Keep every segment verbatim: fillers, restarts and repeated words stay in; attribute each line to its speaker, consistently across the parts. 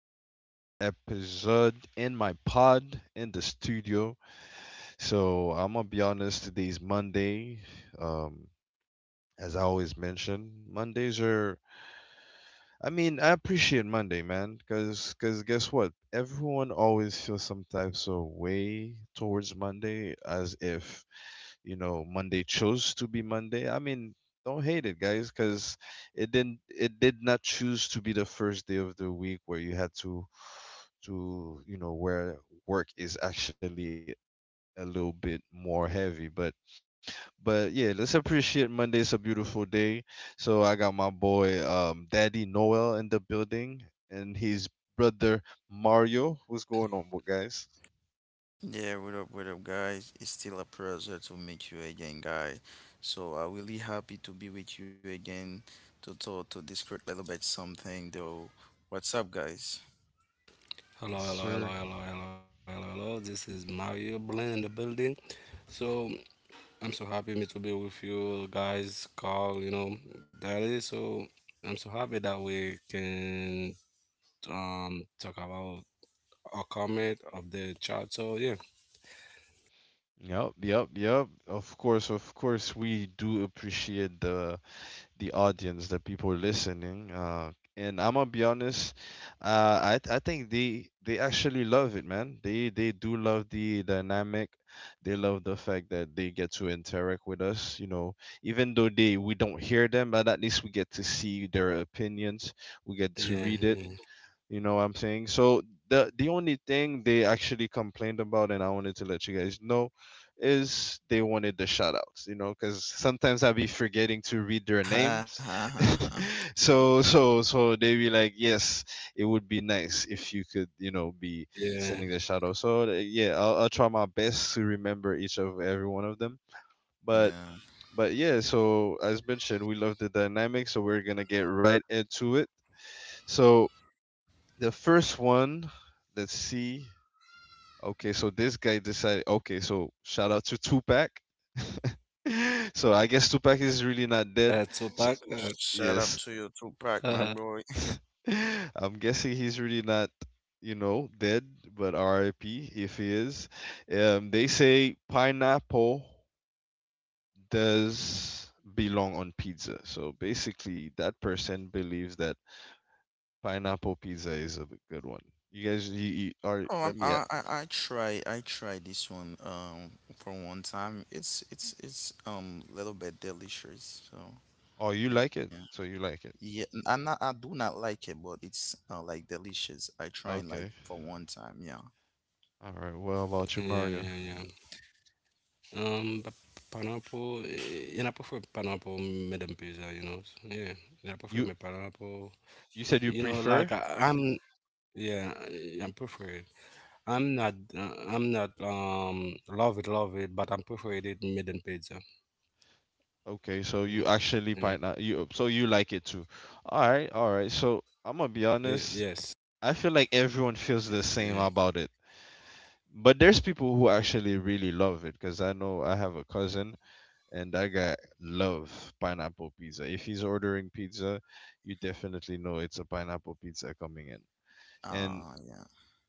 Speaker 1: with another episode in my pod in the studio. So I'm going to be honest, today's Monday. Um, as I always mention, Mondays are I mean, I appreciate Monday, man, cause, cause guess what? Everyone always feels some types of way towards Monday, as if you know Monday chose to be Monday. I mean, don't hate it, guys, cause it didn't, it did not choose to be the first day of the week where you had to, to you know, where work is actually a little bit more heavy. But but yeah, let's appreciate Monday. It's a beautiful day. So I got my boy um, Daddy Noel in the building and his brother Mario. What's going on, what guys?
Speaker 2: Yeah, what up, what up, guys? It's still a pleasure to meet you again, guys. So I'm really happy to be with you again to talk to discuss a little bit something though. What's up, guys?
Speaker 1: Yes,
Speaker 3: Hello, hello,
Speaker 1: sir.
Speaker 3: hello, hello, hello, hello, hello. This is Mario Blin in the building. So I'm so happy me to be with you guys, Carl, you know, Daddy. So I'm so happy that we can um talk about a comment of the chat. So yeah,
Speaker 1: Yep, yep, yep. Of course, of course, we do appreciate the the audience, the people listening. Uh, and I'm gonna be honest, uh, I I think they they actually love it, man. They they do love the dynamic. They love the fact that they get to interact with us. You know, even though they we don't hear them, but at least we get to
Speaker 3: yeah,
Speaker 1: see
Speaker 3: yeah.
Speaker 1: their opinions. We get to read it, you know what I'm saying? So the the only thing they actually complained about, and I wanted to let you guys know, is they wanted the shoutouts. You know, because sometimes I be forgetting to read their names. so so so they be like, yes, it would be
Speaker 3: yeah.
Speaker 1: nice if you could, you know, be sending the shout out. So uh, yeah, I'll, I'll try my best to remember each of every one of them. But
Speaker 2: Yeah.
Speaker 1: but yeah, so as mentioned, we love the dynamic, so we're gonna get right into it. So the first one, let's see. Okay, so this guy decided. Okay, so shout out to Tupac. So I guess
Speaker 3: Uh,
Speaker 1: Tupac is
Speaker 3: Tupac.
Speaker 1: really
Speaker 3: Uh,
Speaker 1: not dead. So,
Speaker 2: Shout out to
Speaker 1: yes,
Speaker 3: yeah,
Speaker 2: you, Tupac, my boy.
Speaker 1: I'm guessing he's really not, you know, dead, but R I P if he is. Um, they say pineapple does belong on pizza. So basically, that person believes that pineapple pizza is a good one. You guys, you, you are.
Speaker 2: Oh, I'm,
Speaker 1: Let me.
Speaker 2: I, I I try I try this one um for one time. It's it's it's um a little bit delicious. So
Speaker 1: Oh, you
Speaker 2: yeah.
Speaker 1: like it, so you like
Speaker 2: Yeah,
Speaker 1: it.
Speaker 2: n- I'm not. I do not like it, but it's uh, like delicious. I try and like
Speaker 1: Okay.
Speaker 2: for one time. Yeah.
Speaker 1: All right. Well,
Speaker 3: yeah,
Speaker 1: about you,
Speaker 3: yeah.
Speaker 1: Mario?
Speaker 3: Um, but pineapple. eh, And I prefer pineapple, Madam Pizza. You know. So, yeah, and I prefer my
Speaker 1: You
Speaker 3: pineapple.
Speaker 1: you
Speaker 3: You
Speaker 1: said
Speaker 3: know,
Speaker 1: you
Speaker 3: like I,
Speaker 1: prefer.
Speaker 3: I'm, yeah, I- I'm preferred. I'm not, uh, I'm not, um, love it, love it, but I'm preferred it midden pizza.
Speaker 1: Okay,
Speaker 3: You
Speaker 1: so
Speaker 3: know?
Speaker 1: you actually
Speaker 3: Yeah.
Speaker 1: find out you so you like it too. All right.
Speaker 3: Ye-
Speaker 1: All right.
Speaker 3: Yes.
Speaker 1: So I'm gonna be honest. I feel
Speaker 3: Yeah.
Speaker 1: like everyone feels the same about it. But there's people who actually really love it because I know I have a cousin and that guy love pineapple pizza. If he's ordering pizza, you definitely know it's a pineapple pizza coming in. And
Speaker 2: Ah, yeah.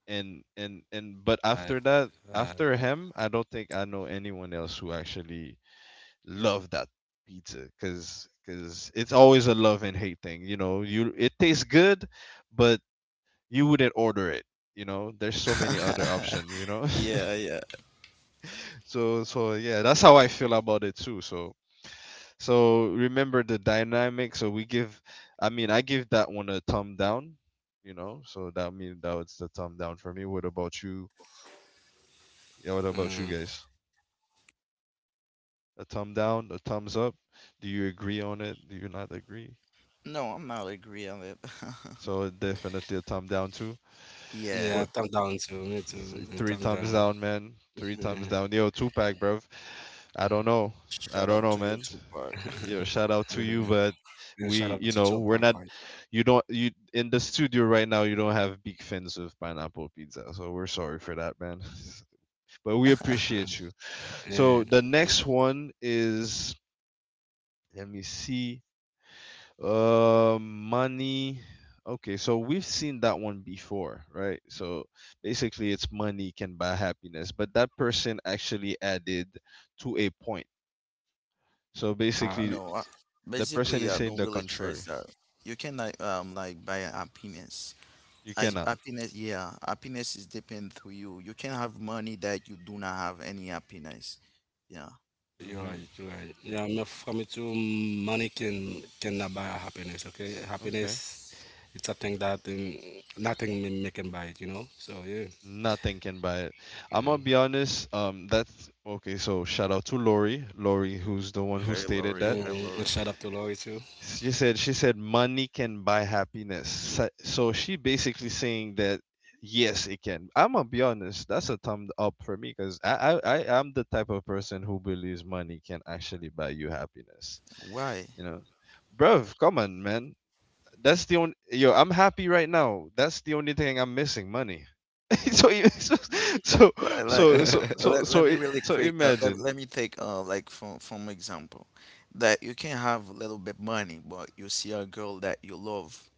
Speaker 1: and and
Speaker 3: I,
Speaker 1: and but
Speaker 3: uh,
Speaker 1: after that, after him, I don't think I know anyone else who actually love that pizza, because because it's always a love and hate thing, you know, you it tastes good, but you wouldn't order it, you know, there's so many other options, you know.
Speaker 2: Yeah, yeah.
Speaker 1: so so yeah, that's how I feel about it too. So so remember the dynamic, so we give, I mean, I give that one a thumb down, you know, so that mean that was the thumb down for me. What about you? Yeah, what
Speaker 3: uh,
Speaker 1: about you guys? A thumb down, a thumbs up. Do you agree on it? Do you not agree?
Speaker 2: No, I'm not agree on it.
Speaker 1: So definitely a thumb down too.
Speaker 2: Yeah.
Speaker 3: yeah,
Speaker 1: What?
Speaker 3: thumb down too. Me too. And
Speaker 1: Three
Speaker 3: thumb
Speaker 1: thumbs
Speaker 3: down.
Speaker 1: down, man. Three thumbs
Speaker 3: Mhm.
Speaker 1: down. Yo, Tupac, bruv. I don't know.
Speaker 2: Shut
Speaker 1: I
Speaker 2: up
Speaker 1: don't
Speaker 2: to
Speaker 1: know,
Speaker 2: your
Speaker 1: man.
Speaker 2: Tupac.
Speaker 1: Yo, shout out to you, but
Speaker 3: And shout
Speaker 1: we,
Speaker 3: out
Speaker 1: you
Speaker 3: to
Speaker 1: know, we're
Speaker 3: Tupac,
Speaker 1: not.
Speaker 3: right?
Speaker 1: You don't. You in the studio right now. You don't have big fans of pineapple pizza, so we're sorry for that, man. But we appreciate you.
Speaker 3: Yeah.
Speaker 1: So the next one is. Let me see. Uh, money. Okay, so we've seen that one before, right? So basically, it's money can buy happiness, but that person actually added to a point. So
Speaker 2: No,
Speaker 3: Uh,
Speaker 2: I,
Speaker 1: basically, the
Speaker 2: basically, I
Speaker 1: person is
Speaker 2: don't
Speaker 1: saying
Speaker 2: really
Speaker 1: the
Speaker 2: trust
Speaker 1: contrary.
Speaker 2: that. You can like um like buy a happiness.
Speaker 1: You
Speaker 2: As
Speaker 1: cannot.
Speaker 2: happiness, yeah, happiness is depend to you. You can have money that you do not have any happiness. Yeah.
Speaker 3: You're right, you're
Speaker 1: Mm-hmm.
Speaker 3: right. Yeah, me from it too, money can cannot buy happiness, okay? Happiness,
Speaker 1: Okay.
Speaker 3: it's something that um, nothing me, me can buy it, you know? So, yeah.
Speaker 1: Nothing can buy it. I'm gonna
Speaker 3: Yeah.
Speaker 1: be honest. Um, that's okay. So shout out to Lori, Lori, who's the one who
Speaker 2: Hey,
Speaker 1: stated
Speaker 2: Lori.
Speaker 1: that.
Speaker 2: Hey,
Speaker 3: Mm,
Speaker 2: Lori.
Speaker 3: and shout out to Lori too.
Speaker 1: She said she said money can buy happiness. So so she basically saying that yes, it can. I'm gonna be honest. That's a thumb up for me because I, I I am the type of person who believes money can actually buy you happiness.
Speaker 2: Why?
Speaker 1: You know, bruv, come on, man. That's the only yo. I'm happy right now. That's the only thing I'm missing. Money. so, you- so
Speaker 2: Yeah.
Speaker 1: so
Speaker 2: Like,
Speaker 1: so so so
Speaker 2: Let, let
Speaker 1: so
Speaker 2: me
Speaker 1: I-
Speaker 2: really
Speaker 1: so
Speaker 2: quick. Uh, let,
Speaker 1: imagine.
Speaker 2: let me take uh like from from example that you can have a little bit money, but you see a girl that you love.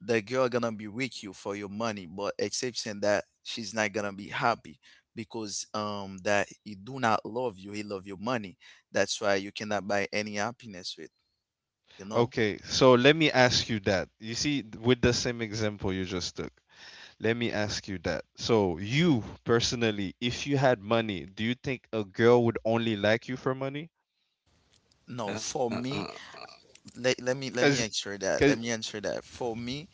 Speaker 2: The girl gonna be with you for your money, but exception that she's not gonna be happy because um that he do not love you. He love your money. That's why you cannot buy any happiness with. You know.
Speaker 1: Okay, so let me ask you that. You see, with the same example you just took. Let me ask you that. So, you personally, if you had money, do you think a girl would only like you for money?
Speaker 2: No,
Speaker 3: Uh,
Speaker 2: for me,
Speaker 3: uh,
Speaker 2: let, let me let me
Speaker 1: Cause,
Speaker 2: answer that. Let
Speaker 1: because
Speaker 2: me answer that. For me,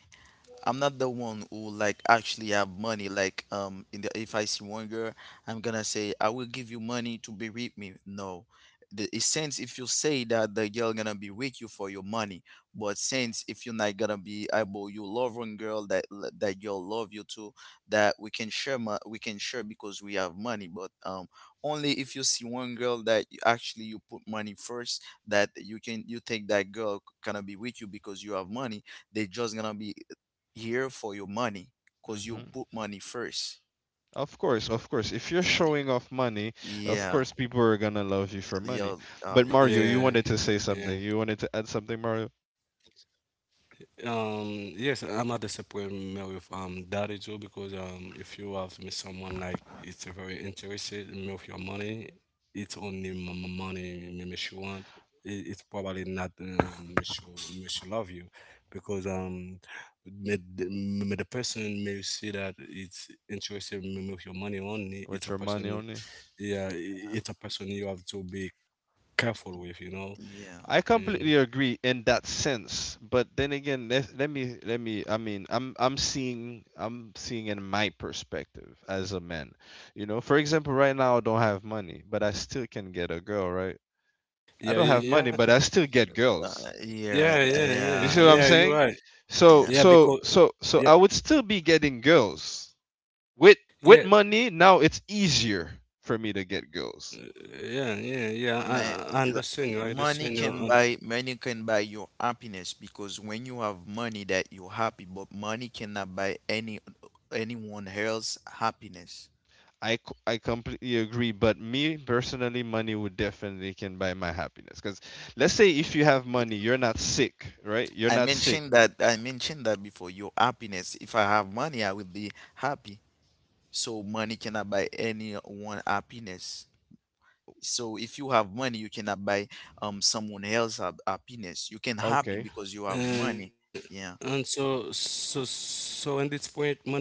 Speaker 2: I'm not the one who like actually have money. Like um, in the if I see one girl, I'm gonna say I will give you money to be with me. No, the it sense if you say that the girl gonna be with you for your money, but since if you're not gonna be able, you love one girl that l- that girl love you too, that we can share mo- we can share because we have money. But um, only if you see one girl that you- actually you put money first, that you can you think that girl gonna be with you because you have money they just gonna be here for your money because you
Speaker 1: because
Speaker 2: put money first.
Speaker 1: of course, of course. If you're
Speaker 2: Yeah,
Speaker 1: showing off money, of
Speaker 2: yeah,
Speaker 1: course people are gonna love you for
Speaker 2: yeah,
Speaker 1: money.
Speaker 2: uh,
Speaker 1: But
Speaker 2: lo-
Speaker 3: yeah,
Speaker 2: of
Speaker 1: Mario, you
Speaker 2: course.
Speaker 1: wanted to
Speaker 3: yeah.
Speaker 1: say something. You wanted to add something, Mario,
Speaker 3: Um, yes, I'm not disappointed with um that is all because um if you have me someone like it's very interested in me with your money, it's only m- m- money me me she want. It, it's probably not um, me she, me she love you because um me, the- me the person may see that it's interested in me with your money only.
Speaker 1: with
Speaker 3: It's a
Speaker 1: your money
Speaker 3: person,
Speaker 1: on.
Speaker 3: yeah, i- it's a person you have to be careful with, you know.
Speaker 2: Yeah,
Speaker 1: I
Speaker 3: Mm.
Speaker 1: completely agree in that sense, but then again, let, let me let me. I mean, I'm I'm seeing, I'm seeing in my perspective as a man. You know, for example, right now I don't have money, but I still can get a girl, right? I
Speaker 3: Yeah,
Speaker 1: don't
Speaker 3: y-
Speaker 1: have
Speaker 3: yeah,
Speaker 1: money, but I still get
Speaker 2: uh,
Speaker 1: girls.
Speaker 3: yeah,
Speaker 2: yeah,
Speaker 3: yeah, yeah,
Speaker 1: You
Speaker 2: yeah,
Speaker 1: see what
Speaker 3: yeah.
Speaker 1: I'm
Speaker 2: yeah,
Speaker 3: You're
Speaker 1: saying?
Speaker 3: right.
Speaker 1: So
Speaker 2: yeah.
Speaker 3: Yeah,
Speaker 1: so
Speaker 3: because
Speaker 1: so so
Speaker 3: yeah,
Speaker 1: I would still be getting girls with with
Speaker 3: yeah,
Speaker 1: money. Now it's easier for me to get girls.
Speaker 3: uh, yeah, yeah, yeah.
Speaker 2: Man,
Speaker 3: I, I
Speaker 2: l-
Speaker 3: understand you. I
Speaker 2: money
Speaker 3: understand you.
Speaker 2: can
Speaker 3: And
Speaker 2: buy money can buy your happiness because when you have money that you're happy, but money cannot buy any anyone else happiness.
Speaker 1: I, c- I completely agree, but me personally, money would definitely can buy my happiness. Because let's say if you have money, you're not sick, right? You're
Speaker 2: I
Speaker 1: not sick.
Speaker 2: mentioned that I mentioned that before. Your happiness. If I have money, I will be happy. So money cannot buy anyone happiness. So if you have money you cannot buy um someone else hap- happiness, you can happy
Speaker 1: Okay.
Speaker 2: because you have
Speaker 3: and,
Speaker 2: money,
Speaker 3: and
Speaker 2: yeah,
Speaker 3: so so so in this point, money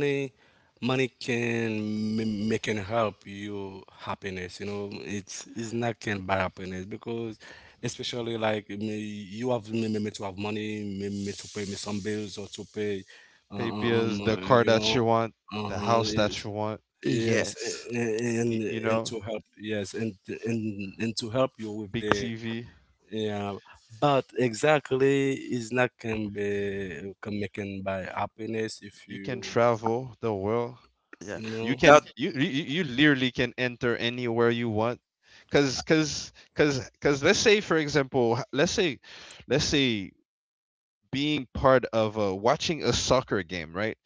Speaker 3: money can m- make and help you happiness. You know, it's it's not can buy happiness because especially like me, you have me, me me to have money, me, me to pay me some bills or to pay, uh,
Speaker 1: Pay
Speaker 3: uh, um,
Speaker 1: bills, the
Speaker 3: uh,
Speaker 1: car
Speaker 3: you
Speaker 1: that
Speaker 3: know.
Speaker 1: you want, the
Speaker 3: Uh-huh.
Speaker 1: house that you want,
Speaker 3: Yes,
Speaker 2: yes,
Speaker 3: a- a-
Speaker 1: y-
Speaker 3: and
Speaker 1: you
Speaker 3: and
Speaker 1: know,
Speaker 3: to help, yes, and and and to help you with
Speaker 1: big
Speaker 3: the
Speaker 1: T V.
Speaker 3: yeah, but exactly is not can be can making by happiness if
Speaker 1: You can
Speaker 3: you
Speaker 1: travel the world.
Speaker 2: yeah,
Speaker 3: you
Speaker 1: You
Speaker 3: know
Speaker 1: can,
Speaker 2: that
Speaker 1: you, you, you literally can enter anywhere you want. Cause, cause, cause, cause let's say, for example, h- let's say, let's say being part of a, watching a soccer game, right?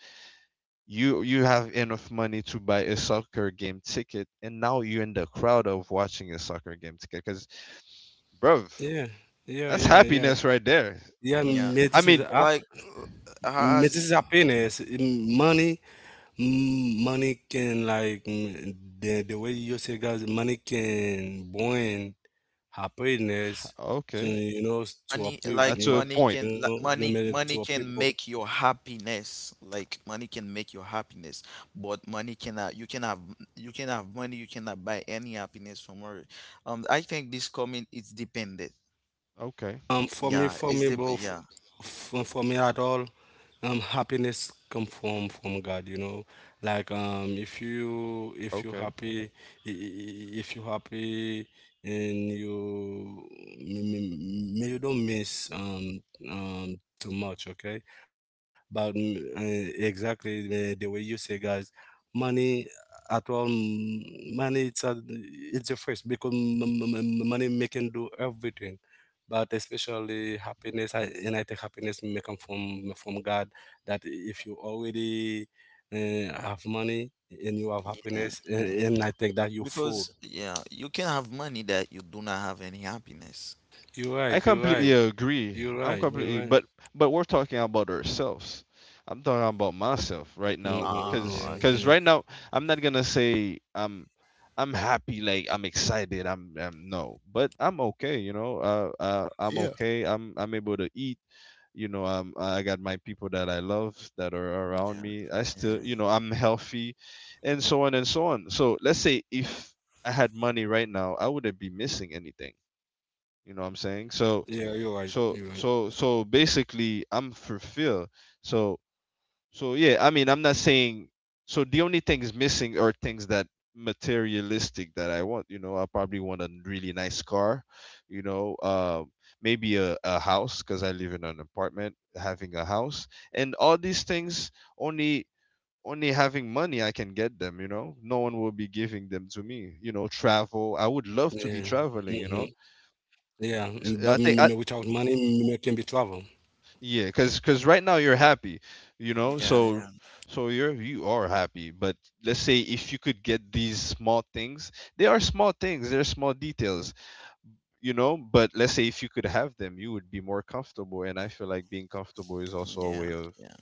Speaker 1: you you have enough money to buy a soccer game ticket and now you're in the crowd of watching a soccer game ticket because bruv,
Speaker 3: yeah yeah
Speaker 1: that's
Speaker 3: yeah yeah
Speaker 1: happiness right there.
Speaker 3: yeah
Speaker 2: yeah
Speaker 3: ma-
Speaker 1: I
Speaker 3: this is
Speaker 1: mean,
Speaker 3: up
Speaker 2: like uh,
Speaker 3: ma- this
Speaker 2: has
Speaker 3: is happiness. Mm, money mm, money can like mm, the the way you say guys money can bring happiness to
Speaker 1: okay,
Speaker 3: you know s- to a
Speaker 2: money
Speaker 3: people
Speaker 2: like
Speaker 1: that's
Speaker 3: you
Speaker 1: a
Speaker 3: know
Speaker 2: money
Speaker 3: to
Speaker 1: point.
Speaker 2: can
Speaker 3: many-
Speaker 2: like
Speaker 3: to a
Speaker 2: money
Speaker 3: people.
Speaker 2: money can make your happiness like money can make your happiness, but money cannot, you can have, you can have money you cannot buy any happiness from her. um I think this comment is dependent,
Speaker 1: Okay.
Speaker 3: Um, for me,
Speaker 2: yeah,
Speaker 3: for
Speaker 2: it's
Speaker 3: me, bro,
Speaker 2: depend,
Speaker 3: for,
Speaker 2: yeah,
Speaker 3: for, for me at all, um, happiness come from from God, you know. Like um, if you if you
Speaker 1: Okay.
Speaker 3: happy, i- i- if you happy, and you may, may may you don't miss um um too much, okay? But mm, uh, exactly the, the way you say, guys, money at all, mm, money it's a, it's the first because m- m- m- money making do everything but especially happiness I, and I think happiness may come from from God that if you already uh, have money and you have happiness and,
Speaker 2: yeah.
Speaker 3: and I think that you're full.
Speaker 2: Because yeah, you can have money that you do not have any happiness.
Speaker 3: You're
Speaker 1: I
Speaker 3: right, you're
Speaker 1: completely
Speaker 3: right,
Speaker 1: agree.
Speaker 3: you're
Speaker 1: I'm
Speaker 3: right, you're
Speaker 1: completely,
Speaker 3: right.
Speaker 1: but but we're talking about ourselves. I'm talking about myself right now,
Speaker 3: Hmm, yeah,
Speaker 1: cause
Speaker 2: Ah,
Speaker 1: cause
Speaker 2: okay.
Speaker 3: yeah.
Speaker 1: right now I'm not gonna say I'm I'm happy, like I'm excited. I'm, I'm no, but I'm okay. You know, uh, uh, I'm
Speaker 2: Yeah.
Speaker 1: okay. I'm I'm able to eat. You know, I'm I got my people that I love that are around
Speaker 2: Yeah,
Speaker 1: me. I still, you know, I'm healthy, and so on and so on. So let's say if I had money right now, I wouldn't be missing anything. You know what I'm saying? So
Speaker 3: Yeah, you're right,
Speaker 1: so
Speaker 3: you're right.
Speaker 1: so so basically I'm fulfilled. So so yeah, I mean, I'm not saying, so the only things missing are things that materialistic that I want, you know, I probably want a really nice car, you know, uh, maybe a, a house, because I live in an apartment, having a house and all these things, only only having money I can get them, you know, no one will be giving them to me, you know, travel, I would
Speaker 3: Yeah.
Speaker 1: love to be
Speaker 3: Mm-hmm.
Speaker 1: traveling, you know.
Speaker 3: Yeah. Mm, but
Speaker 1: S- i
Speaker 3: m- m-
Speaker 1: think I,
Speaker 3: without money, m- it can be trouble.
Speaker 1: Yeah, cause cause right now you're happy, you know.
Speaker 2: yeah,
Speaker 1: So
Speaker 2: yeah,
Speaker 1: so you're you are happy. But let's say if you could get these small things, they are small things. They're small details, you know. But let's say if you could have them, you would be more comfortable. And I feel like being comfortable is also a way
Speaker 2: yeah,
Speaker 1: of
Speaker 2: yeah.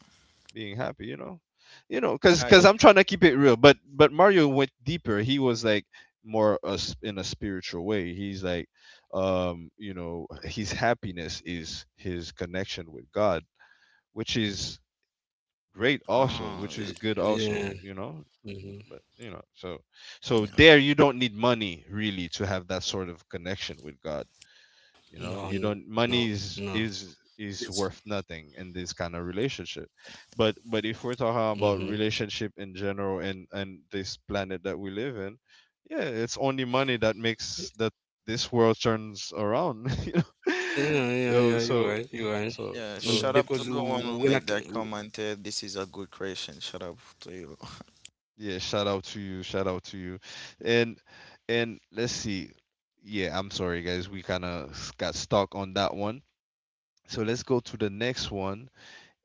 Speaker 1: being happy, you know. You know, cause cause
Speaker 2: I,
Speaker 1: I'm trying to keep it real. But but Mario went deeper. He was like more us in a spiritual way. He's like, um, you know, his happiness is his connection with God, which is great also,
Speaker 2: oh,
Speaker 1: which is
Speaker 3: Y-
Speaker 1: good also,
Speaker 3: Yeah.
Speaker 1: you know.
Speaker 3: Mm-hmm.
Speaker 1: But you know, so
Speaker 2: yeah,
Speaker 1: so
Speaker 2: yeah.
Speaker 1: there you don't need money really to have that sort of connection with God. You know, you
Speaker 3: No, no,
Speaker 1: don't, money
Speaker 3: no.
Speaker 1: is is
Speaker 3: It's.
Speaker 1: is worth nothing in this kind of relationship. But but if we're talking about
Speaker 3: Mm-hmm.
Speaker 1: relationship in general and and this planet that we live in, yeah, it's only money that makes that this world turns around. You know,
Speaker 3: Yeah, yeah, yeah.
Speaker 1: yo,
Speaker 3: You're
Speaker 1: so
Speaker 3: right. You're right.
Speaker 1: so
Speaker 2: Yeah,
Speaker 3: And
Speaker 1: so
Speaker 2: shout out
Speaker 3: because
Speaker 2: to the one who
Speaker 3: when I
Speaker 2: make that
Speaker 3: c-
Speaker 2: comment. uh, This is a good question. Shout out to you.
Speaker 1: yeah, shout out to you. Shout out to you. And and let's see. Yeah, I'm sorry guys. We kind of got stuck on that one. So let's go to the next one.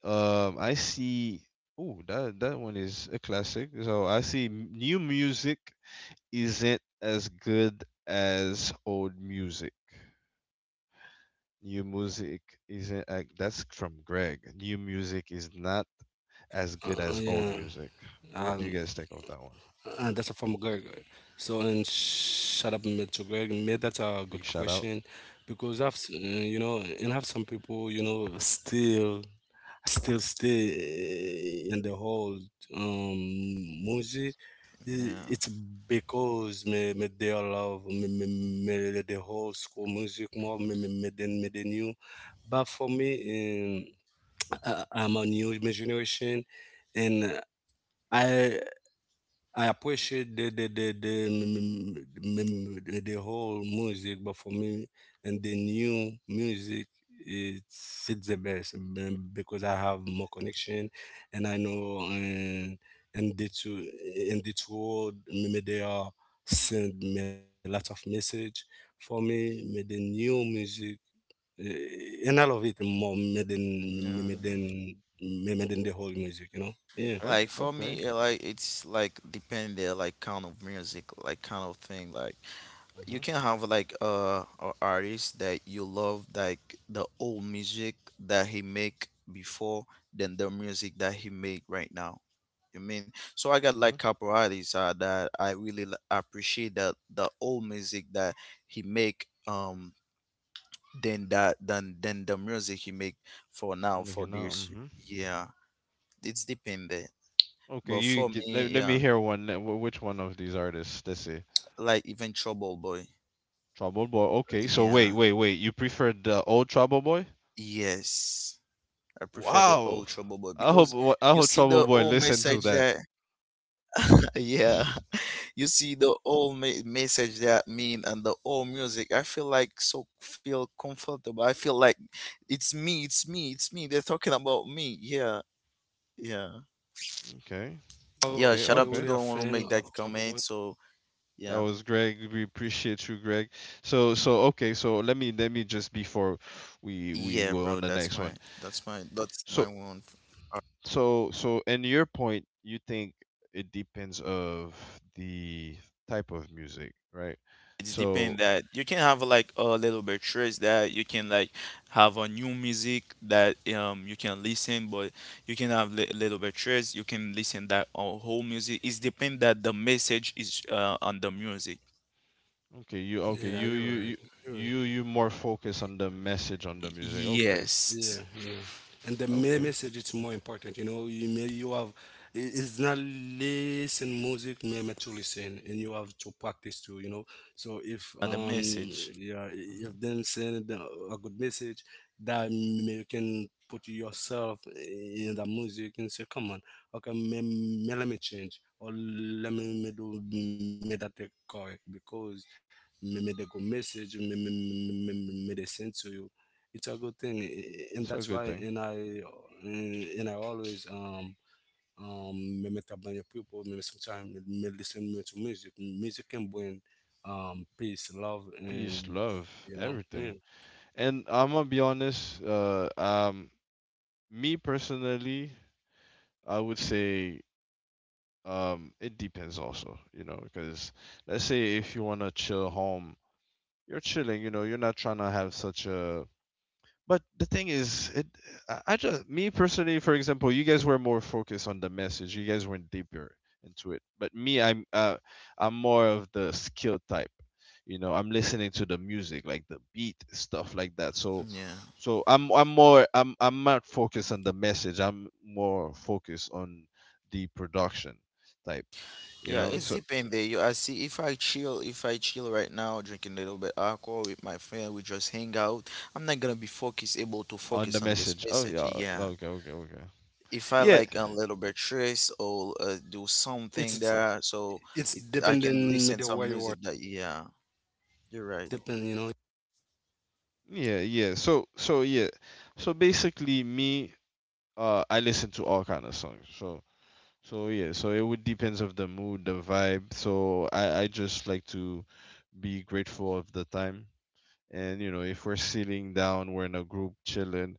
Speaker 1: Um I see. Oh, that that one is a classic. So I see m- new music isn't as good as old music. New music isn't uh, that's from Greg. New music is not
Speaker 3: uh, uh, yeah,
Speaker 1: as good as old
Speaker 3: um,
Speaker 1: music. What do you guys think of
Speaker 3: uh,
Speaker 1: that
Speaker 3: that's
Speaker 1: one?
Speaker 3: from Greg. So and shut up, mate. Greg, mate. That's a good
Speaker 1: Big
Speaker 3: question
Speaker 1: shout out.
Speaker 3: because I've s- uh, you know, and have some people you know still. Still stay in the whole um music i-
Speaker 2: Yeah,
Speaker 3: it's because me, me they all love me, me, me the whole school music more me, me, me than me than you but for me um, I, I'm a new generation and i I appreciate the the the the, mm, mm, the, the whole music, but for me and the new music, it's it's the best mm, because I have more connection, and I know uh, and the two in the two world, mm, they are send me a lot of message. For me, mm, the new music, uh, and I love it more mm, than
Speaker 2: yeah.
Speaker 3: mm, than mm, than the whole music, you know. Yeah.
Speaker 1: Okay,
Speaker 2: Like for
Speaker 1: okay.
Speaker 2: me, uh, like it's like depending like kind of music, like kind of thing, like. You
Speaker 1: Mhm.
Speaker 2: can have like uh a artist that you love like the old music that he make before than the music that he make right now, you mean. So I got like
Speaker 1: Mhm.
Speaker 2: couple artists, uh, that I really li- appreciate that the old music that he make, um than that than than the music he make for now for
Speaker 1: Making out.
Speaker 2: this,
Speaker 1: Mhm.
Speaker 2: yeah, it's dependent.
Speaker 1: Okay,
Speaker 2: But
Speaker 1: you
Speaker 2: for me,
Speaker 1: get, let, let
Speaker 2: yeah,
Speaker 1: me hear one. let- wh- Which one of these artists? Let's see.
Speaker 2: like even Trouble Boy,
Speaker 1: Trouble Boy. Okay, so wait,
Speaker 2: yeah,
Speaker 1: wait, wait. You preferred the old Trouble Boy?
Speaker 2: yes, I prefer the
Speaker 1: Wow.
Speaker 2: old Trouble Boy
Speaker 1: I hope
Speaker 2: because
Speaker 1: wh- I
Speaker 2: you
Speaker 1: hope
Speaker 2: see
Speaker 1: Trouble
Speaker 2: the
Speaker 1: Boy
Speaker 2: old
Speaker 1: listen to
Speaker 2: message
Speaker 1: that.
Speaker 2: that yeah, you see the old me- message that mean and the old music. I feel like so feel comfortable. I feel like it's me, it's me, it's me. They're talking about me. Yeah, yeah,
Speaker 1: Okay.
Speaker 3: Are are you
Speaker 2: yeah.
Speaker 1: Okay,
Speaker 3: really a
Speaker 2: Shout out to
Speaker 1: okay.
Speaker 2: the
Speaker 3: fan
Speaker 2: one who
Speaker 3: of
Speaker 2: make that
Speaker 3: Trouble?
Speaker 2: comment. So
Speaker 1: That
Speaker 2: yeah,
Speaker 1: was Greg. We appreciate you, Greg. So so okay, so let me let me just before we we
Speaker 2: yeah,
Speaker 1: go on
Speaker 2: bro.
Speaker 1: the
Speaker 2: That's
Speaker 1: next
Speaker 2: my
Speaker 1: one.
Speaker 2: that's my that's my
Speaker 1: So
Speaker 2: one.
Speaker 1: So, so in your point, you think it depends of the type of music, right?
Speaker 2: It's depend
Speaker 1: So,
Speaker 2: that you can have like a little bit stress that you can like have a new music that um you can listen, but you can have li- little bit stress, you can listen that on whole music. It's depend that the message is, uh, on the music.
Speaker 1: okay, you okay,
Speaker 3: Yeah,
Speaker 1: you
Speaker 3: you're
Speaker 1: you
Speaker 3: right.
Speaker 1: you
Speaker 3: You're right.
Speaker 1: you you more focus on the message on the
Speaker 2: Y-
Speaker 1: music. Okay,
Speaker 2: yes.
Speaker 3: Yeah, and the me-
Speaker 1: okay,
Speaker 3: message it's more important. You know, you may you have i- it's not listen music, maybe to listen, and you have to practice too. You know, so
Speaker 2: uh, the
Speaker 3: if um
Speaker 2: message,
Speaker 3: yeah, i-
Speaker 1: hmm
Speaker 3: if them send the- a good message, that may you can put yourself in the music and say, come on, okay, me, me let me change or let me, me do me that take correct because me, me the good message me me me, me, me they send to you it's a good thing a- and
Speaker 1: it's
Speaker 3: that's
Speaker 1: a
Speaker 3: why
Speaker 1: good
Speaker 3: and
Speaker 1: thing.
Speaker 3: i and, and I always um um me met up with your people me sometimes me listen me to music music can bring um peace love
Speaker 1: Peace,
Speaker 3: and
Speaker 1: love,
Speaker 3: you know yeah
Speaker 1: everything. And I'm gonna be honest. Uh, um, me personally, I would say um, it depends also. You know, because let's say if you wanna chill home, you're chilling, you know, you're not trying to have such a, but the thing is, it I I just, me personally, for example, you guys were more focused on the message, you guys went deeper into it. But me, i'm uh, i'm more of the skill type, you know, I'm listening to the music like the beat, stuff like that. so
Speaker 2: yeah.
Speaker 1: so i'm i'm more i'm i'm not focused on the message, I'm more focused on the production type, you
Speaker 2: Yeah,
Speaker 1: know.
Speaker 2: it's
Speaker 1: So
Speaker 2: depend there. You I see if I chill, if I chill right now, drinking a little bit alcohol with my friend, we just hang out. I'm not gonna be focused, able to
Speaker 1: on
Speaker 2: focus
Speaker 1: the
Speaker 2: on this
Speaker 1: message. Oh
Speaker 2: message.
Speaker 1: yeah.
Speaker 2: Yeah.
Speaker 1: Okay okay okay
Speaker 2: If I
Speaker 1: yeah.
Speaker 2: like a little bit stress or uh, do
Speaker 3: it's
Speaker 2: something
Speaker 3: it's,
Speaker 2: there, so it, I can
Speaker 3: depending me
Speaker 2: listen
Speaker 3: the
Speaker 2: some
Speaker 3: way you are
Speaker 2: music that yeah, you're right.
Speaker 3: depend you know
Speaker 1: Yeah, yeah. So so yeah. So basically me, uh I listen to all kind of songs. So so yeah, so it would depends of the mood, the vibe. So I I just like to be grateful of the time. And you know, if we're sitting down, we're in a group chilling,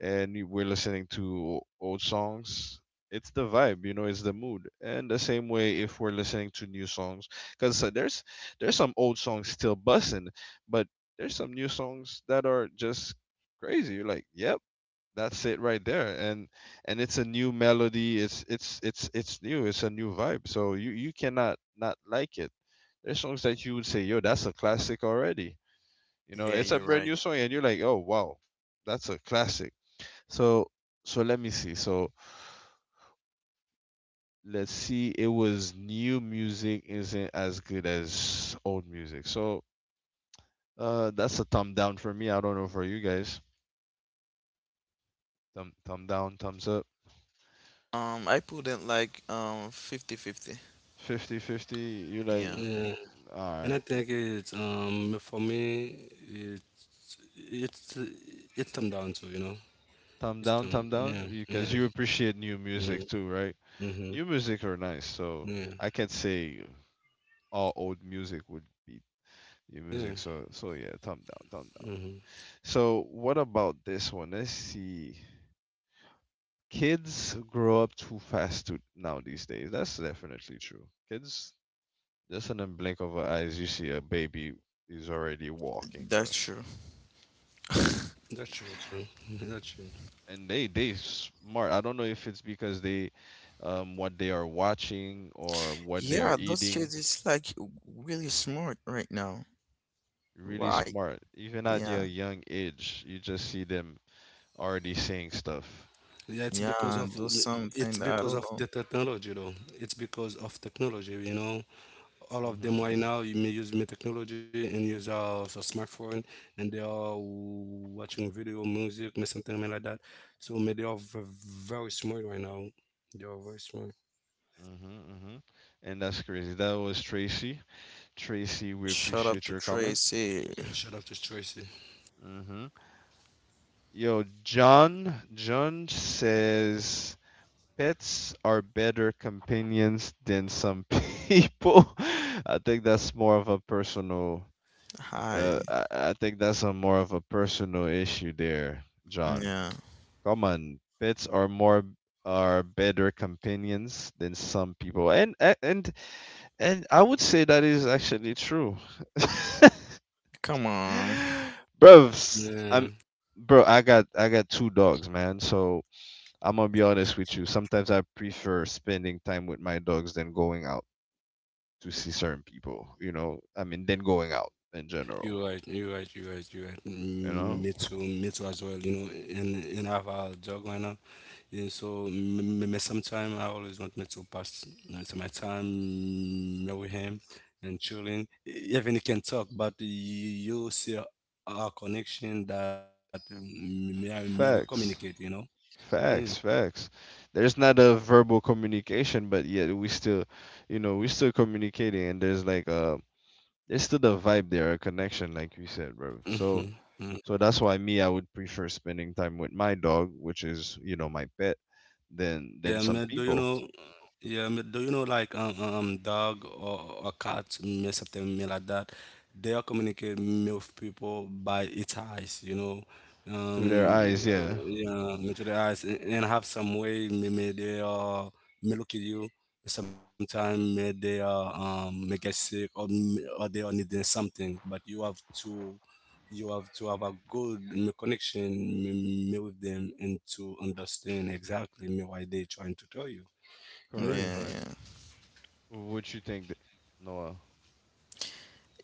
Speaker 1: and you- we're listening to old songs, it's the vibe, you know, it's the mood. And the same way if we're listening to new songs, because there's there's some old songs still bussing, but there's some new songs that are just crazy. You're like, yep, that's it right there, and and it's a new melody. It's it's it's it's new. It's a new vibe. So you you cannot not like it. There's songs that you would say, yo, that's a classic already. You know,
Speaker 2: Yeah,
Speaker 1: it's a
Speaker 2: you're
Speaker 1: brand new
Speaker 2: right.
Speaker 1: song, and you're like, oh wow, that's a classic. So so let me see. So let's see. It was new music isn't as good as old music. So uh that's a thumb down for me. I don't know for you guys. Thumb thumb down, thumbs up.
Speaker 2: Um, I put it like um fifty-fifty.
Speaker 1: Fifty-fifty. You're like,
Speaker 2: Yeah,
Speaker 3: yeah and
Speaker 1: all
Speaker 3: I
Speaker 1: right.
Speaker 3: think it's um for me it it's it's them down to you know
Speaker 1: Thumb
Speaker 3: it's
Speaker 1: down,
Speaker 3: them
Speaker 1: thumb down,
Speaker 3: yeah
Speaker 1: because
Speaker 3: yeah
Speaker 1: you appreciate new
Speaker 3: yeah,
Speaker 1: music too, right?
Speaker 3: mm-hmm,
Speaker 1: New music are nice. So
Speaker 3: yeah
Speaker 1: I can't say all old music would be new
Speaker 3: yeah
Speaker 1: music. So so yeah, thumb down, thumb down.
Speaker 3: hmm
Speaker 1: So what about this one? Let's see. Kids grow up too fast to, now these days. That's definitely true. Kids, just in the blink of an eyes, you see a baby is already walking,
Speaker 2: that's
Speaker 1: bro.
Speaker 2: true.
Speaker 3: That's true too. That's true.
Speaker 1: And they they smart. I don't know if it's because they, um, what they are watching or what they
Speaker 2: Yeah,
Speaker 1: are
Speaker 2: those
Speaker 1: eating.
Speaker 2: kids is like really smart right now.
Speaker 1: Really
Speaker 2: Right.
Speaker 1: smart. Even at
Speaker 2: Yeah,
Speaker 1: your young age, you just see them already saying stuff.
Speaker 3: Yeah, it's because
Speaker 2: yeah,
Speaker 3: of
Speaker 2: do something
Speaker 3: it's
Speaker 2: that I don't
Speaker 3: because of
Speaker 2: know.
Speaker 3: the technology though. It's because of technology, you know. All of
Speaker 1: Mhm.
Speaker 3: them right now you may use me technology and use uh, a smartphone and they are watching video, music, may something like that. So may they are v- very smart right now. They are very smart.
Speaker 1: Mhm. Mhm. And that's crazy. That was Tracy. Tracy, we
Speaker 2: Shut up
Speaker 1: appreciate
Speaker 2: to
Speaker 1: your comment.
Speaker 2: Tracy.
Speaker 3: And shout out to Tracy.
Speaker 1: Mhm. Yo, John, John says pets are better companions than some people. I think that's more of a personal.
Speaker 2: Hi.
Speaker 1: Uh, I, I think that's a more of a personal issue there, John.
Speaker 2: Yeah.
Speaker 1: Come on, pets are more are better companions than some people, and a- and and I would say that is actually true.
Speaker 2: Come on.
Speaker 1: Bruv, I'm
Speaker 3: Yeah,
Speaker 1: Bro. I got I got two dogs, man. So I'm gonna be honest with you. Sometimes I prefer spending time with my dogs than going out to see certain people. You know, I mean, than going out in general.
Speaker 3: you're right. You're right. You're right. You're right.
Speaker 1: You know,
Speaker 3: Mm, me too. Me too as well. You know, and and I have a dog right now. Yeah, so m- m- sometimes I always want me to pass you to my time with him and chilling. E- Even he can talk, but you see our connection that um, me, I- me we communicate,
Speaker 1: facts,
Speaker 3: you know. Yeah.
Speaker 1: facts, facts. There's not a verbal communication, but yet we still, you know, we still communicating, and there's like a, there's still the vibe there, a connection, like you said, bro. So
Speaker 3: Hmm.
Speaker 1: so that's why me, I would prefer spending time with my dog, which is, you know, my pet, than than
Speaker 3: Yeah,
Speaker 1: some
Speaker 3: man. Do you
Speaker 1: people
Speaker 3: know? Yeah, man. Do you know like um, um dog or, or cat, me something me like that? They are communicate me with people by its eyes. You know,
Speaker 1: through their
Speaker 3: um,
Speaker 1: eyes.
Speaker 3: uh,
Speaker 1: Yeah,
Speaker 3: yeah, me to the eyes and, and have some way me me they are me look at you. Sometimes me they are um me get sick or me, or they are needing something, but you have to you have to have a good mm, connection mm, mm, with them and to understand exactly mm, why they're trying to tell you.
Speaker 1: correct,
Speaker 2: Yeah,
Speaker 3: Yeah.
Speaker 1: correct.
Speaker 2: yeah.
Speaker 1: What you think, th- Noah?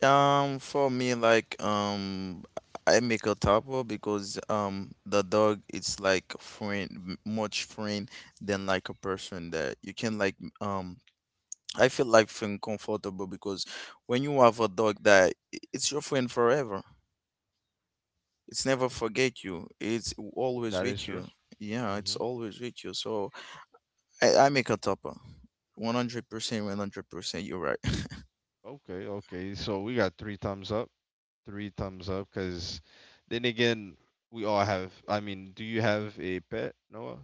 Speaker 2: Um, for me, like, um, I make a tapo because um, the dog it's like friend, m- much friend than like a person that you can like. Um, I feel like feeling comfortable because when you have a dog that i- it's your friend forever. It's never forget you. It's always
Speaker 1: That is
Speaker 2: with
Speaker 1: true.
Speaker 2: you. Yeah, it's
Speaker 1: hmm
Speaker 2: always with you. So I, I make a tapo. one hundred percent, one hundred percent, you're right.
Speaker 1: Okay, okay. So we got three thumbs up, three thumbs up. Cause then again, we all have. I mean, do you have a pet, Noah?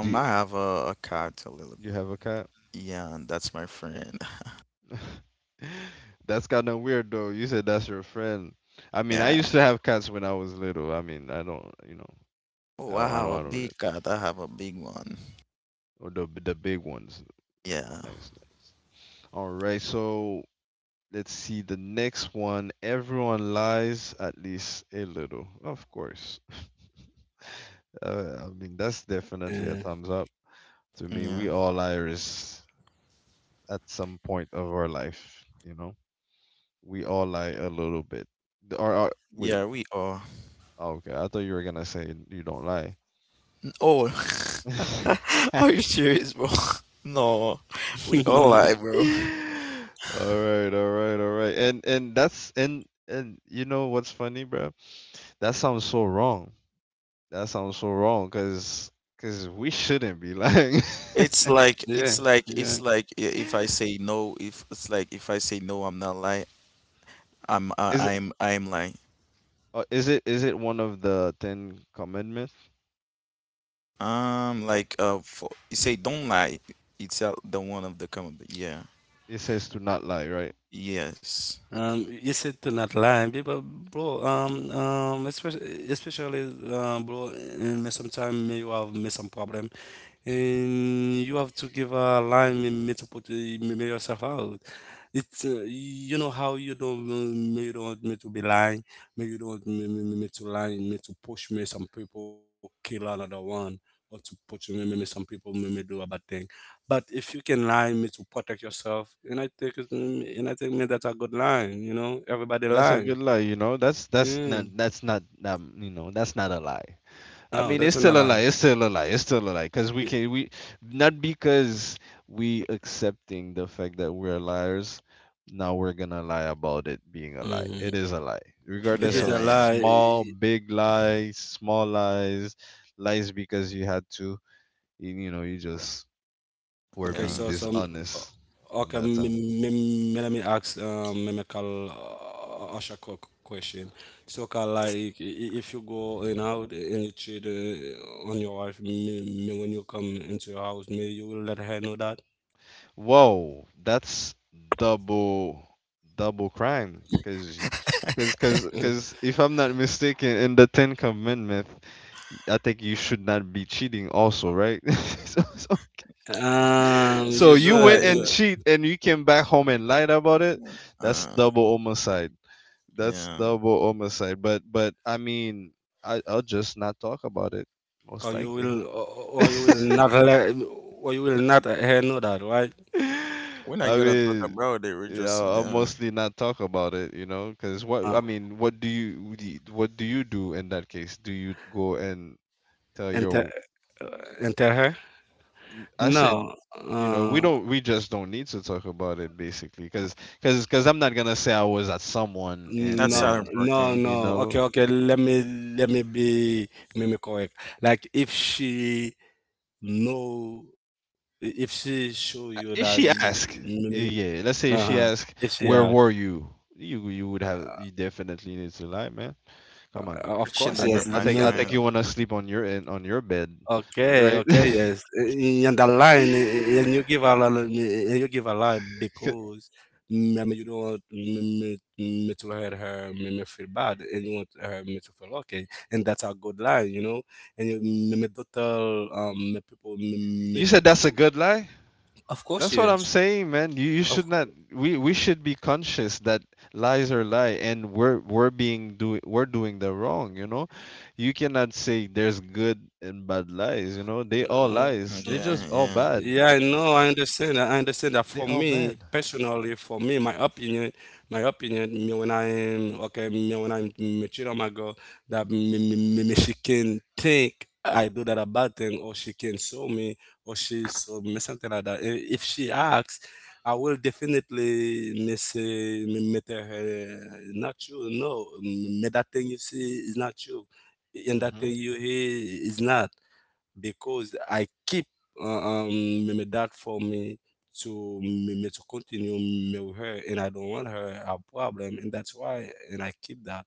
Speaker 1: Do you,
Speaker 2: I have a, a cat, a little.
Speaker 1: you have a cat?
Speaker 2: Yeah, and that's my friend.
Speaker 1: That's kind of weird, though. You said that's your friend. I mean, I
Speaker 2: Yeah.
Speaker 1: used to have cats when I was little. I mean, I don't, you know, I
Speaker 2: Oh, I
Speaker 1: don't, I
Speaker 2: have
Speaker 1: don't,
Speaker 2: a
Speaker 1: I don't
Speaker 2: big
Speaker 1: really.
Speaker 2: cat. I have a big one.
Speaker 1: Or the the big ones.
Speaker 2: Yeah.
Speaker 1: Nice, nice. All right, so let's see the next one. Everyone lies at least a little. Of course. Uh, I mean, that's
Speaker 3: Uh,
Speaker 1: definitely a thumbs up to me.
Speaker 2: Yeah.
Speaker 1: We all liars at some point of our life, you know? We all lie a little bit. The- Or, or
Speaker 2: Yeah,
Speaker 1: wait.
Speaker 2: we are.
Speaker 1: Oh, okay, I thought you were gonna say you don't lie.
Speaker 2: Oh, are you serious, bro? No, we all lie, bro.
Speaker 1: All right, all right, all right. And and that's and and you know what's funny, bro? That sounds so wrong. That sounds so wrong, cause cause we shouldn't be lying.
Speaker 2: It's like
Speaker 3: yeah.
Speaker 2: it's like
Speaker 3: Yeah.
Speaker 2: it's like i- if I say no, if it's like if I say no, I'm not lying. I'm I,
Speaker 1: Is it
Speaker 2: I'm I'm lying.
Speaker 1: uh, is it is it one of the Ten Commandments?
Speaker 2: Um, like uh, for, you say don't lie. It's uh, the one of the comment. Yeah.
Speaker 1: It says to not lie, right?
Speaker 2: Yes.
Speaker 3: Um, you said to not lie, people, bro. Um, um, especially, especially, uh, bro. In me sometime you have me some problem, and you have to give a line me, me to put uh, me, me yourself out. It's uh, you know how you don't me you don't want me to be lying, me you don't want me, me, me me to lie, me to push me some people kill another one, or to push me me, me some people me, me do a bad thing. But if you can lie, me to protect yourself, and I think it's, mm, and I think man, that's a good line. You know, everybody
Speaker 1: That's a
Speaker 3: lie.
Speaker 1: good lie, you know. That's that's
Speaker 3: Yeah.
Speaker 1: not that's not um, You know, that's not a lie. I
Speaker 3: No,
Speaker 1: mean,
Speaker 3: that's
Speaker 1: it's
Speaker 3: not a
Speaker 1: still a
Speaker 3: lie.
Speaker 1: lie. It's still a lie. It's still a lie. Because we can, we not because we accepting the fact that we're liars. Now we're gonna lie about it being a lie. It
Speaker 3: Mm-hmm.
Speaker 1: is a lie,
Speaker 2: Yeah.
Speaker 3: It
Speaker 1: regardless
Speaker 3: is a
Speaker 1: of
Speaker 2: Yeah.
Speaker 1: small,
Speaker 3: lie.
Speaker 1: big lies, small lies, lies because you had to. You, you know, you just were
Speaker 3: Okay,
Speaker 1: being
Speaker 3: so
Speaker 2: Yeah.
Speaker 3: so mm,
Speaker 1: dishonest on
Speaker 3: okay,
Speaker 1: that
Speaker 3: m-
Speaker 1: time.
Speaker 3: m- m- let me ask um mimical uh, Asha qu- question. So kind like i- I- if you go in out and you cheat uh, on your wife, me, me when you come into your house, may you will let her know that.
Speaker 1: Whoa, that's double double crime because because because because if I'm not mistaken, in the Ten Commandments, y- I think you should not be cheating also, right? So, so,
Speaker 3: Um,
Speaker 2: If
Speaker 1: so
Speaker 3: you
Speaker 2: you do
Speaker 1: you
Speaker 3: should not
Speaker 1: went and
Speaker 3: be.
Speaker 2: that,
Speaker 1: cheat and you came back home and lied about it.
Speaker 2: yeah.
Speaker 1: That's
Speaker 2: Uh,
Speaker 1: double homicide. That's
Speaker 2: yeah.
Speaker 1: double homicide. But but I mean, I I'll just not talk about it most
Speaker 3: Or you
Speaker 1: likely.
Speaker 3: will or or you will not let or you will not let her know that right
Speaker 2: We're not
Speaker 1: I
Speaker 2: gonna talk
Speaker 1: mean,
Speaker 2: about it. We're
Speaker 1: yeah,
Speaker 2: just
Speaker 1: I'll
Speaker 2: yeah.
Speaker 1: mostly not talk about it, you know, because what
Speaker 3: uh,
Speaker 1: I mean, what do you what do you what do you do in that case? Do you go and tell
Speaker 3: enter
Speaker 1: your?
Speaker 3: uh, enter her
Speaker 1: n- I
Speaker 3: no
Speaker 1: said, you know, we
Speaker 3: uh,
Speaker 1: don't, we just don't need to talk about it, basically, because because because I'm not gonna say I was at someone and
Speaker 2: That's
Speaker 3: no
Speaker 2: Southern
Speaker 1: then
Speaker 2: Park
Speaker 3: no
Speaker 2: thing.
Speaker 3: no
Speaker 1: you
Speaker 3: okay
Speaker 1: know.
Speaker 3: okay let me let me be let me correct like if she know if she show you
Speaker 1: Uh,
Speaker 3: that
Speaker 1: if she ask,
Speaker 3: you,
Speaker 1: Yeah, let's say if
Speaker 3: uh-huh,
Speaker 1: she ask,
Speaker 3: if she uh,
Speaker 1: where were you? You you would have, you definitely need to lie. Come on.
Speaker 2: We're
Speaker 3: of course
Speaker 2: chilling
Speaker 1: I
Speaker 2: with
Speaker 1: think
Speaker 3: yes.
Speaker 2: my
Speaker 1: I think I
Speaker 2: friend.
Speaker 1: think you want to sleep on your in on your bed,
Speaker 3: Okay,
Speaker 1: right?
Speaker 3: okay, yes. I- And the line, i- and you give a lot, of- and you give a lie
Speaker 1: C-
Speaker 3: because mm, I mean, you don't want me, me, me to hurt her, me, me feel bad, and you want her me to feel okay, and that's a good line, you know. And you me, me don't tell um me people me, me
Speaker 1: you
Speaker 3: the
Speaker 1: said that's a
Speaker 3: truth.
Speaker 1: good lie.
Speaker 3: Of course,
Speaker 1: That's what
Speaker 3: yes.
Speaker 1: I'm saying, man. You you
Speaker 3: Of
Speaker 1: should not. We we should be conscious that lies are lie, and we're we're being doing we're doing the wrong. You know, you cannot say there's good and bad lies. You know, they all lies. They
Speaker 3: course.
Speaker 2: Yeah,
Speaker 1: just all
Speaker 2: yeah,
Speaker 1: bad.
Speaker 3: Yeah, I know, I understand. I I understand that
Speaker 1: They
Speaker 3: for
Speaker 1: all
Speaker 3: me,
Speaker 1: bad.
Speaker 3: personally, for me, my opinion, my opinion, me when I'm okay, me when I'm me cheat on my girl, that me, me, me, me she can think I do that a bad thing, or she can show me, or she show me something like that. I- If she asks, I will definitely me say me, me tell her, not you, no, me that thing you see is not you, and that thing you hear is not because I keep uh, um my dad for me to me, me to continue me with her, and I don't want her a problem, and that's why, and I keep that.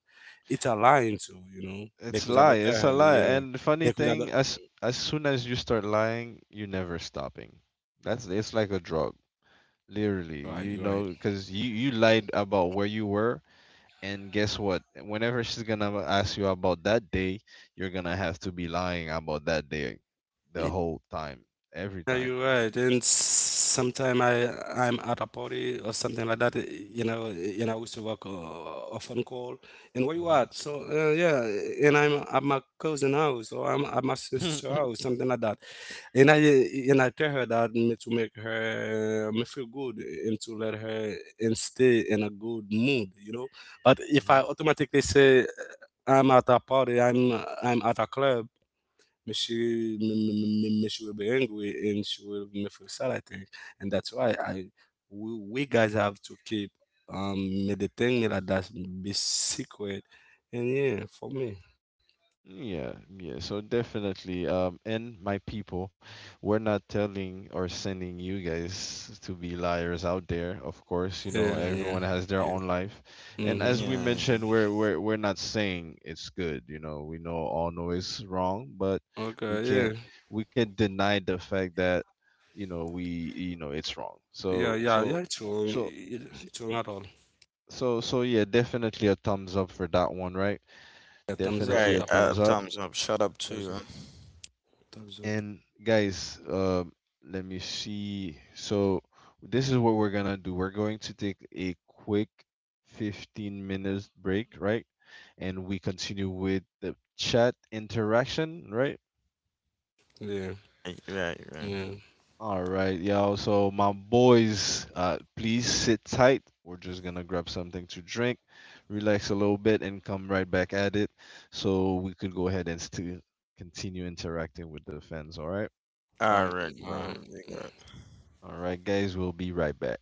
Speaker 3: It's a line too, you know,
Speaker 1: It's
Speaker 3: because I
Speaker 1: lie.
Speaker 3: don't tell
Speaker 1: It's a
Speaker 3: her,
Speaker 1: lie.
Speaker 3: yeah,
Speaker 1: And the funny
Speaker 3: because I
Speaker 1: thing,
Speaker 3: don't.
Speaker 1: as as soon as you start lying, you're never stopping. That's It's like a drug,
Speaker 3: You're right,
Speaker 1: literally.
Speaker 3: you're right.
Speaker 1: You know, because you you lied about where you were, and guess what? Whenever she's gonna ask you about that day, you're gonna have to be lying about that day, the whole time, every
Speaker 3: Yeah,
Speaker 1: time.
Speaker 3: you're right. And sometimes I I'm at a party or something like that, eh, you know, eh, and I used to work uh, a phone call. And where you
Speaker 1: hmm
Speaker 3: at? So uh, yeah, and I'm at my cousin house or I'm at my sister's house, something like that. And I and I tell her that m- to make her uh, me feel good and to let her and stay in a good mood, you know. But if I automatically say uh, I'm at a party, I'm I'm at a club, me she me, me, me me she will be angry and she will me feel sad. I think, and that's why I we, we guys have to keep um me the thing that that's be secret. And yeah, for me,
Speaker 1: Yeah, yeah. So definitely, um, and my people, we're not telling or sending you guys to be liars out there. Of course, you know
Speaker 3: yeah, yeah,
Speaker 1: everyone has their
Speaker 3: yeah.
Speaker 1: own life, and
Speaker 3: Mm-hmm.
Speaker 1: as we
Speaker 2: yeah,
Speaker 1: mentioned,
Speaker 2: yeah.
Speaker 1: we're we're we're not saying it's good. You know, we know all know it's wrong, but
Speaker 3: Okay,
Speaker 1: we can't
Speaker 3: yeah.
Speaker 1: we can't deny the fact that you know we you know it's wrong.
Speaker 3: Yeah,
Speaker 1: So
Speaker 3: yeah, yeah,
Speaker 1: so
Speaker 3: it's wrong.
Speaker 1: so
Speaker 3: It- it's wrong at all.
Speaker 1: so so yeah, definitely a thumbs up for that one, right?
Speaker 3: Yeah, thumbs up for
Speaker 1: Definitely a
Speaker 2: Right.
Speaker 3: that
Speaker 2: Uh,
Speaker 1: thumbs
Speaker 3: one.
Speaker 1: up.
Speaker 2: thumbs up. Shut up
Speaker 3: Thumbs up.
Speaker 2: too.
Speaker 3: Thumbs up.
Speaker 1: And guys, uh, let me see. So this is what we're gonna do. We're going to take a quick fifteen minutes break, right? And we continue with the chat interaction, right?
Speaker 3: Yeah,
Speaker 2: Right, right, right.
Speaker 3: yeah.
Speaker 1: All right, y'all. So my boys, uh, please sit tight. We're just gonna grab something to drink, relax a little bit, and come right back at it. So we could go ahead and still continue interacting with the fans. All right.
Speaker 3: All
Speaker 2: All
Speaker 3: right,
Speaker 2: right,
Speaker 3: all
Speaker 2: bro.
Speaker 3: right.
Speaker 2: You got
Speaker 1: All right, guys. We'll be right back.